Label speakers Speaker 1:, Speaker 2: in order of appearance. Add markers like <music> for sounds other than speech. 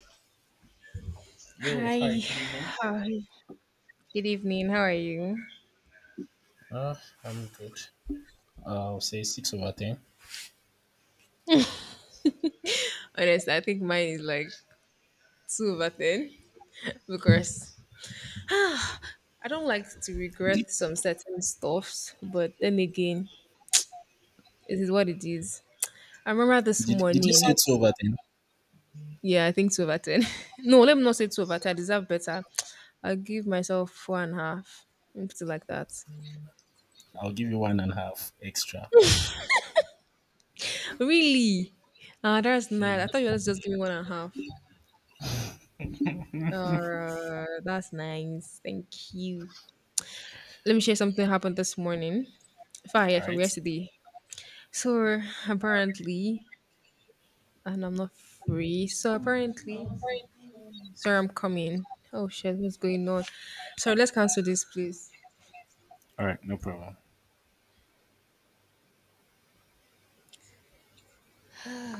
Speaker 1: Yo, hi,
Speaker 2: Hi.
Speaker 1: good evening.
Speaker 2: Hi. Good evening. How are you?
Speaker 1: Uh, I'm good. I'll say 6 over 10.
Speaker 2: Honestly, I think mine is like 2 over 10 because <sighs> I don't like to
Speaker 1: Did, you-
Speaker 2: regret some certain stuffs, but then again, it is what it is. I remember this
Speaker 1: did you
Speaker 2: morning.
Speaker 1: say 2 over 10?
Speaker 2: Yeah, I think 2 over 10. <laughs> No, let me not say 2 over 10. I deserve better. I'll give myself four and a half. Something like that.
Speaker 1: I'll give you one and a half extra.
Speaker 2: Really? Ah, that's nice. I thought you were just giving one and a half. Alright, that's nice. Thank you. Let me share something happened this morning. Fire
Speaker 1: All
Speaker 2: from
Speaker 1: right.
Speaker 2: yesterday. So apparently, and I'm not free. So apparently, sorry, I'm coming. Oh shit, what's going on? Sorry, let's cancel this, please.
Speaker 1: All right, no problem.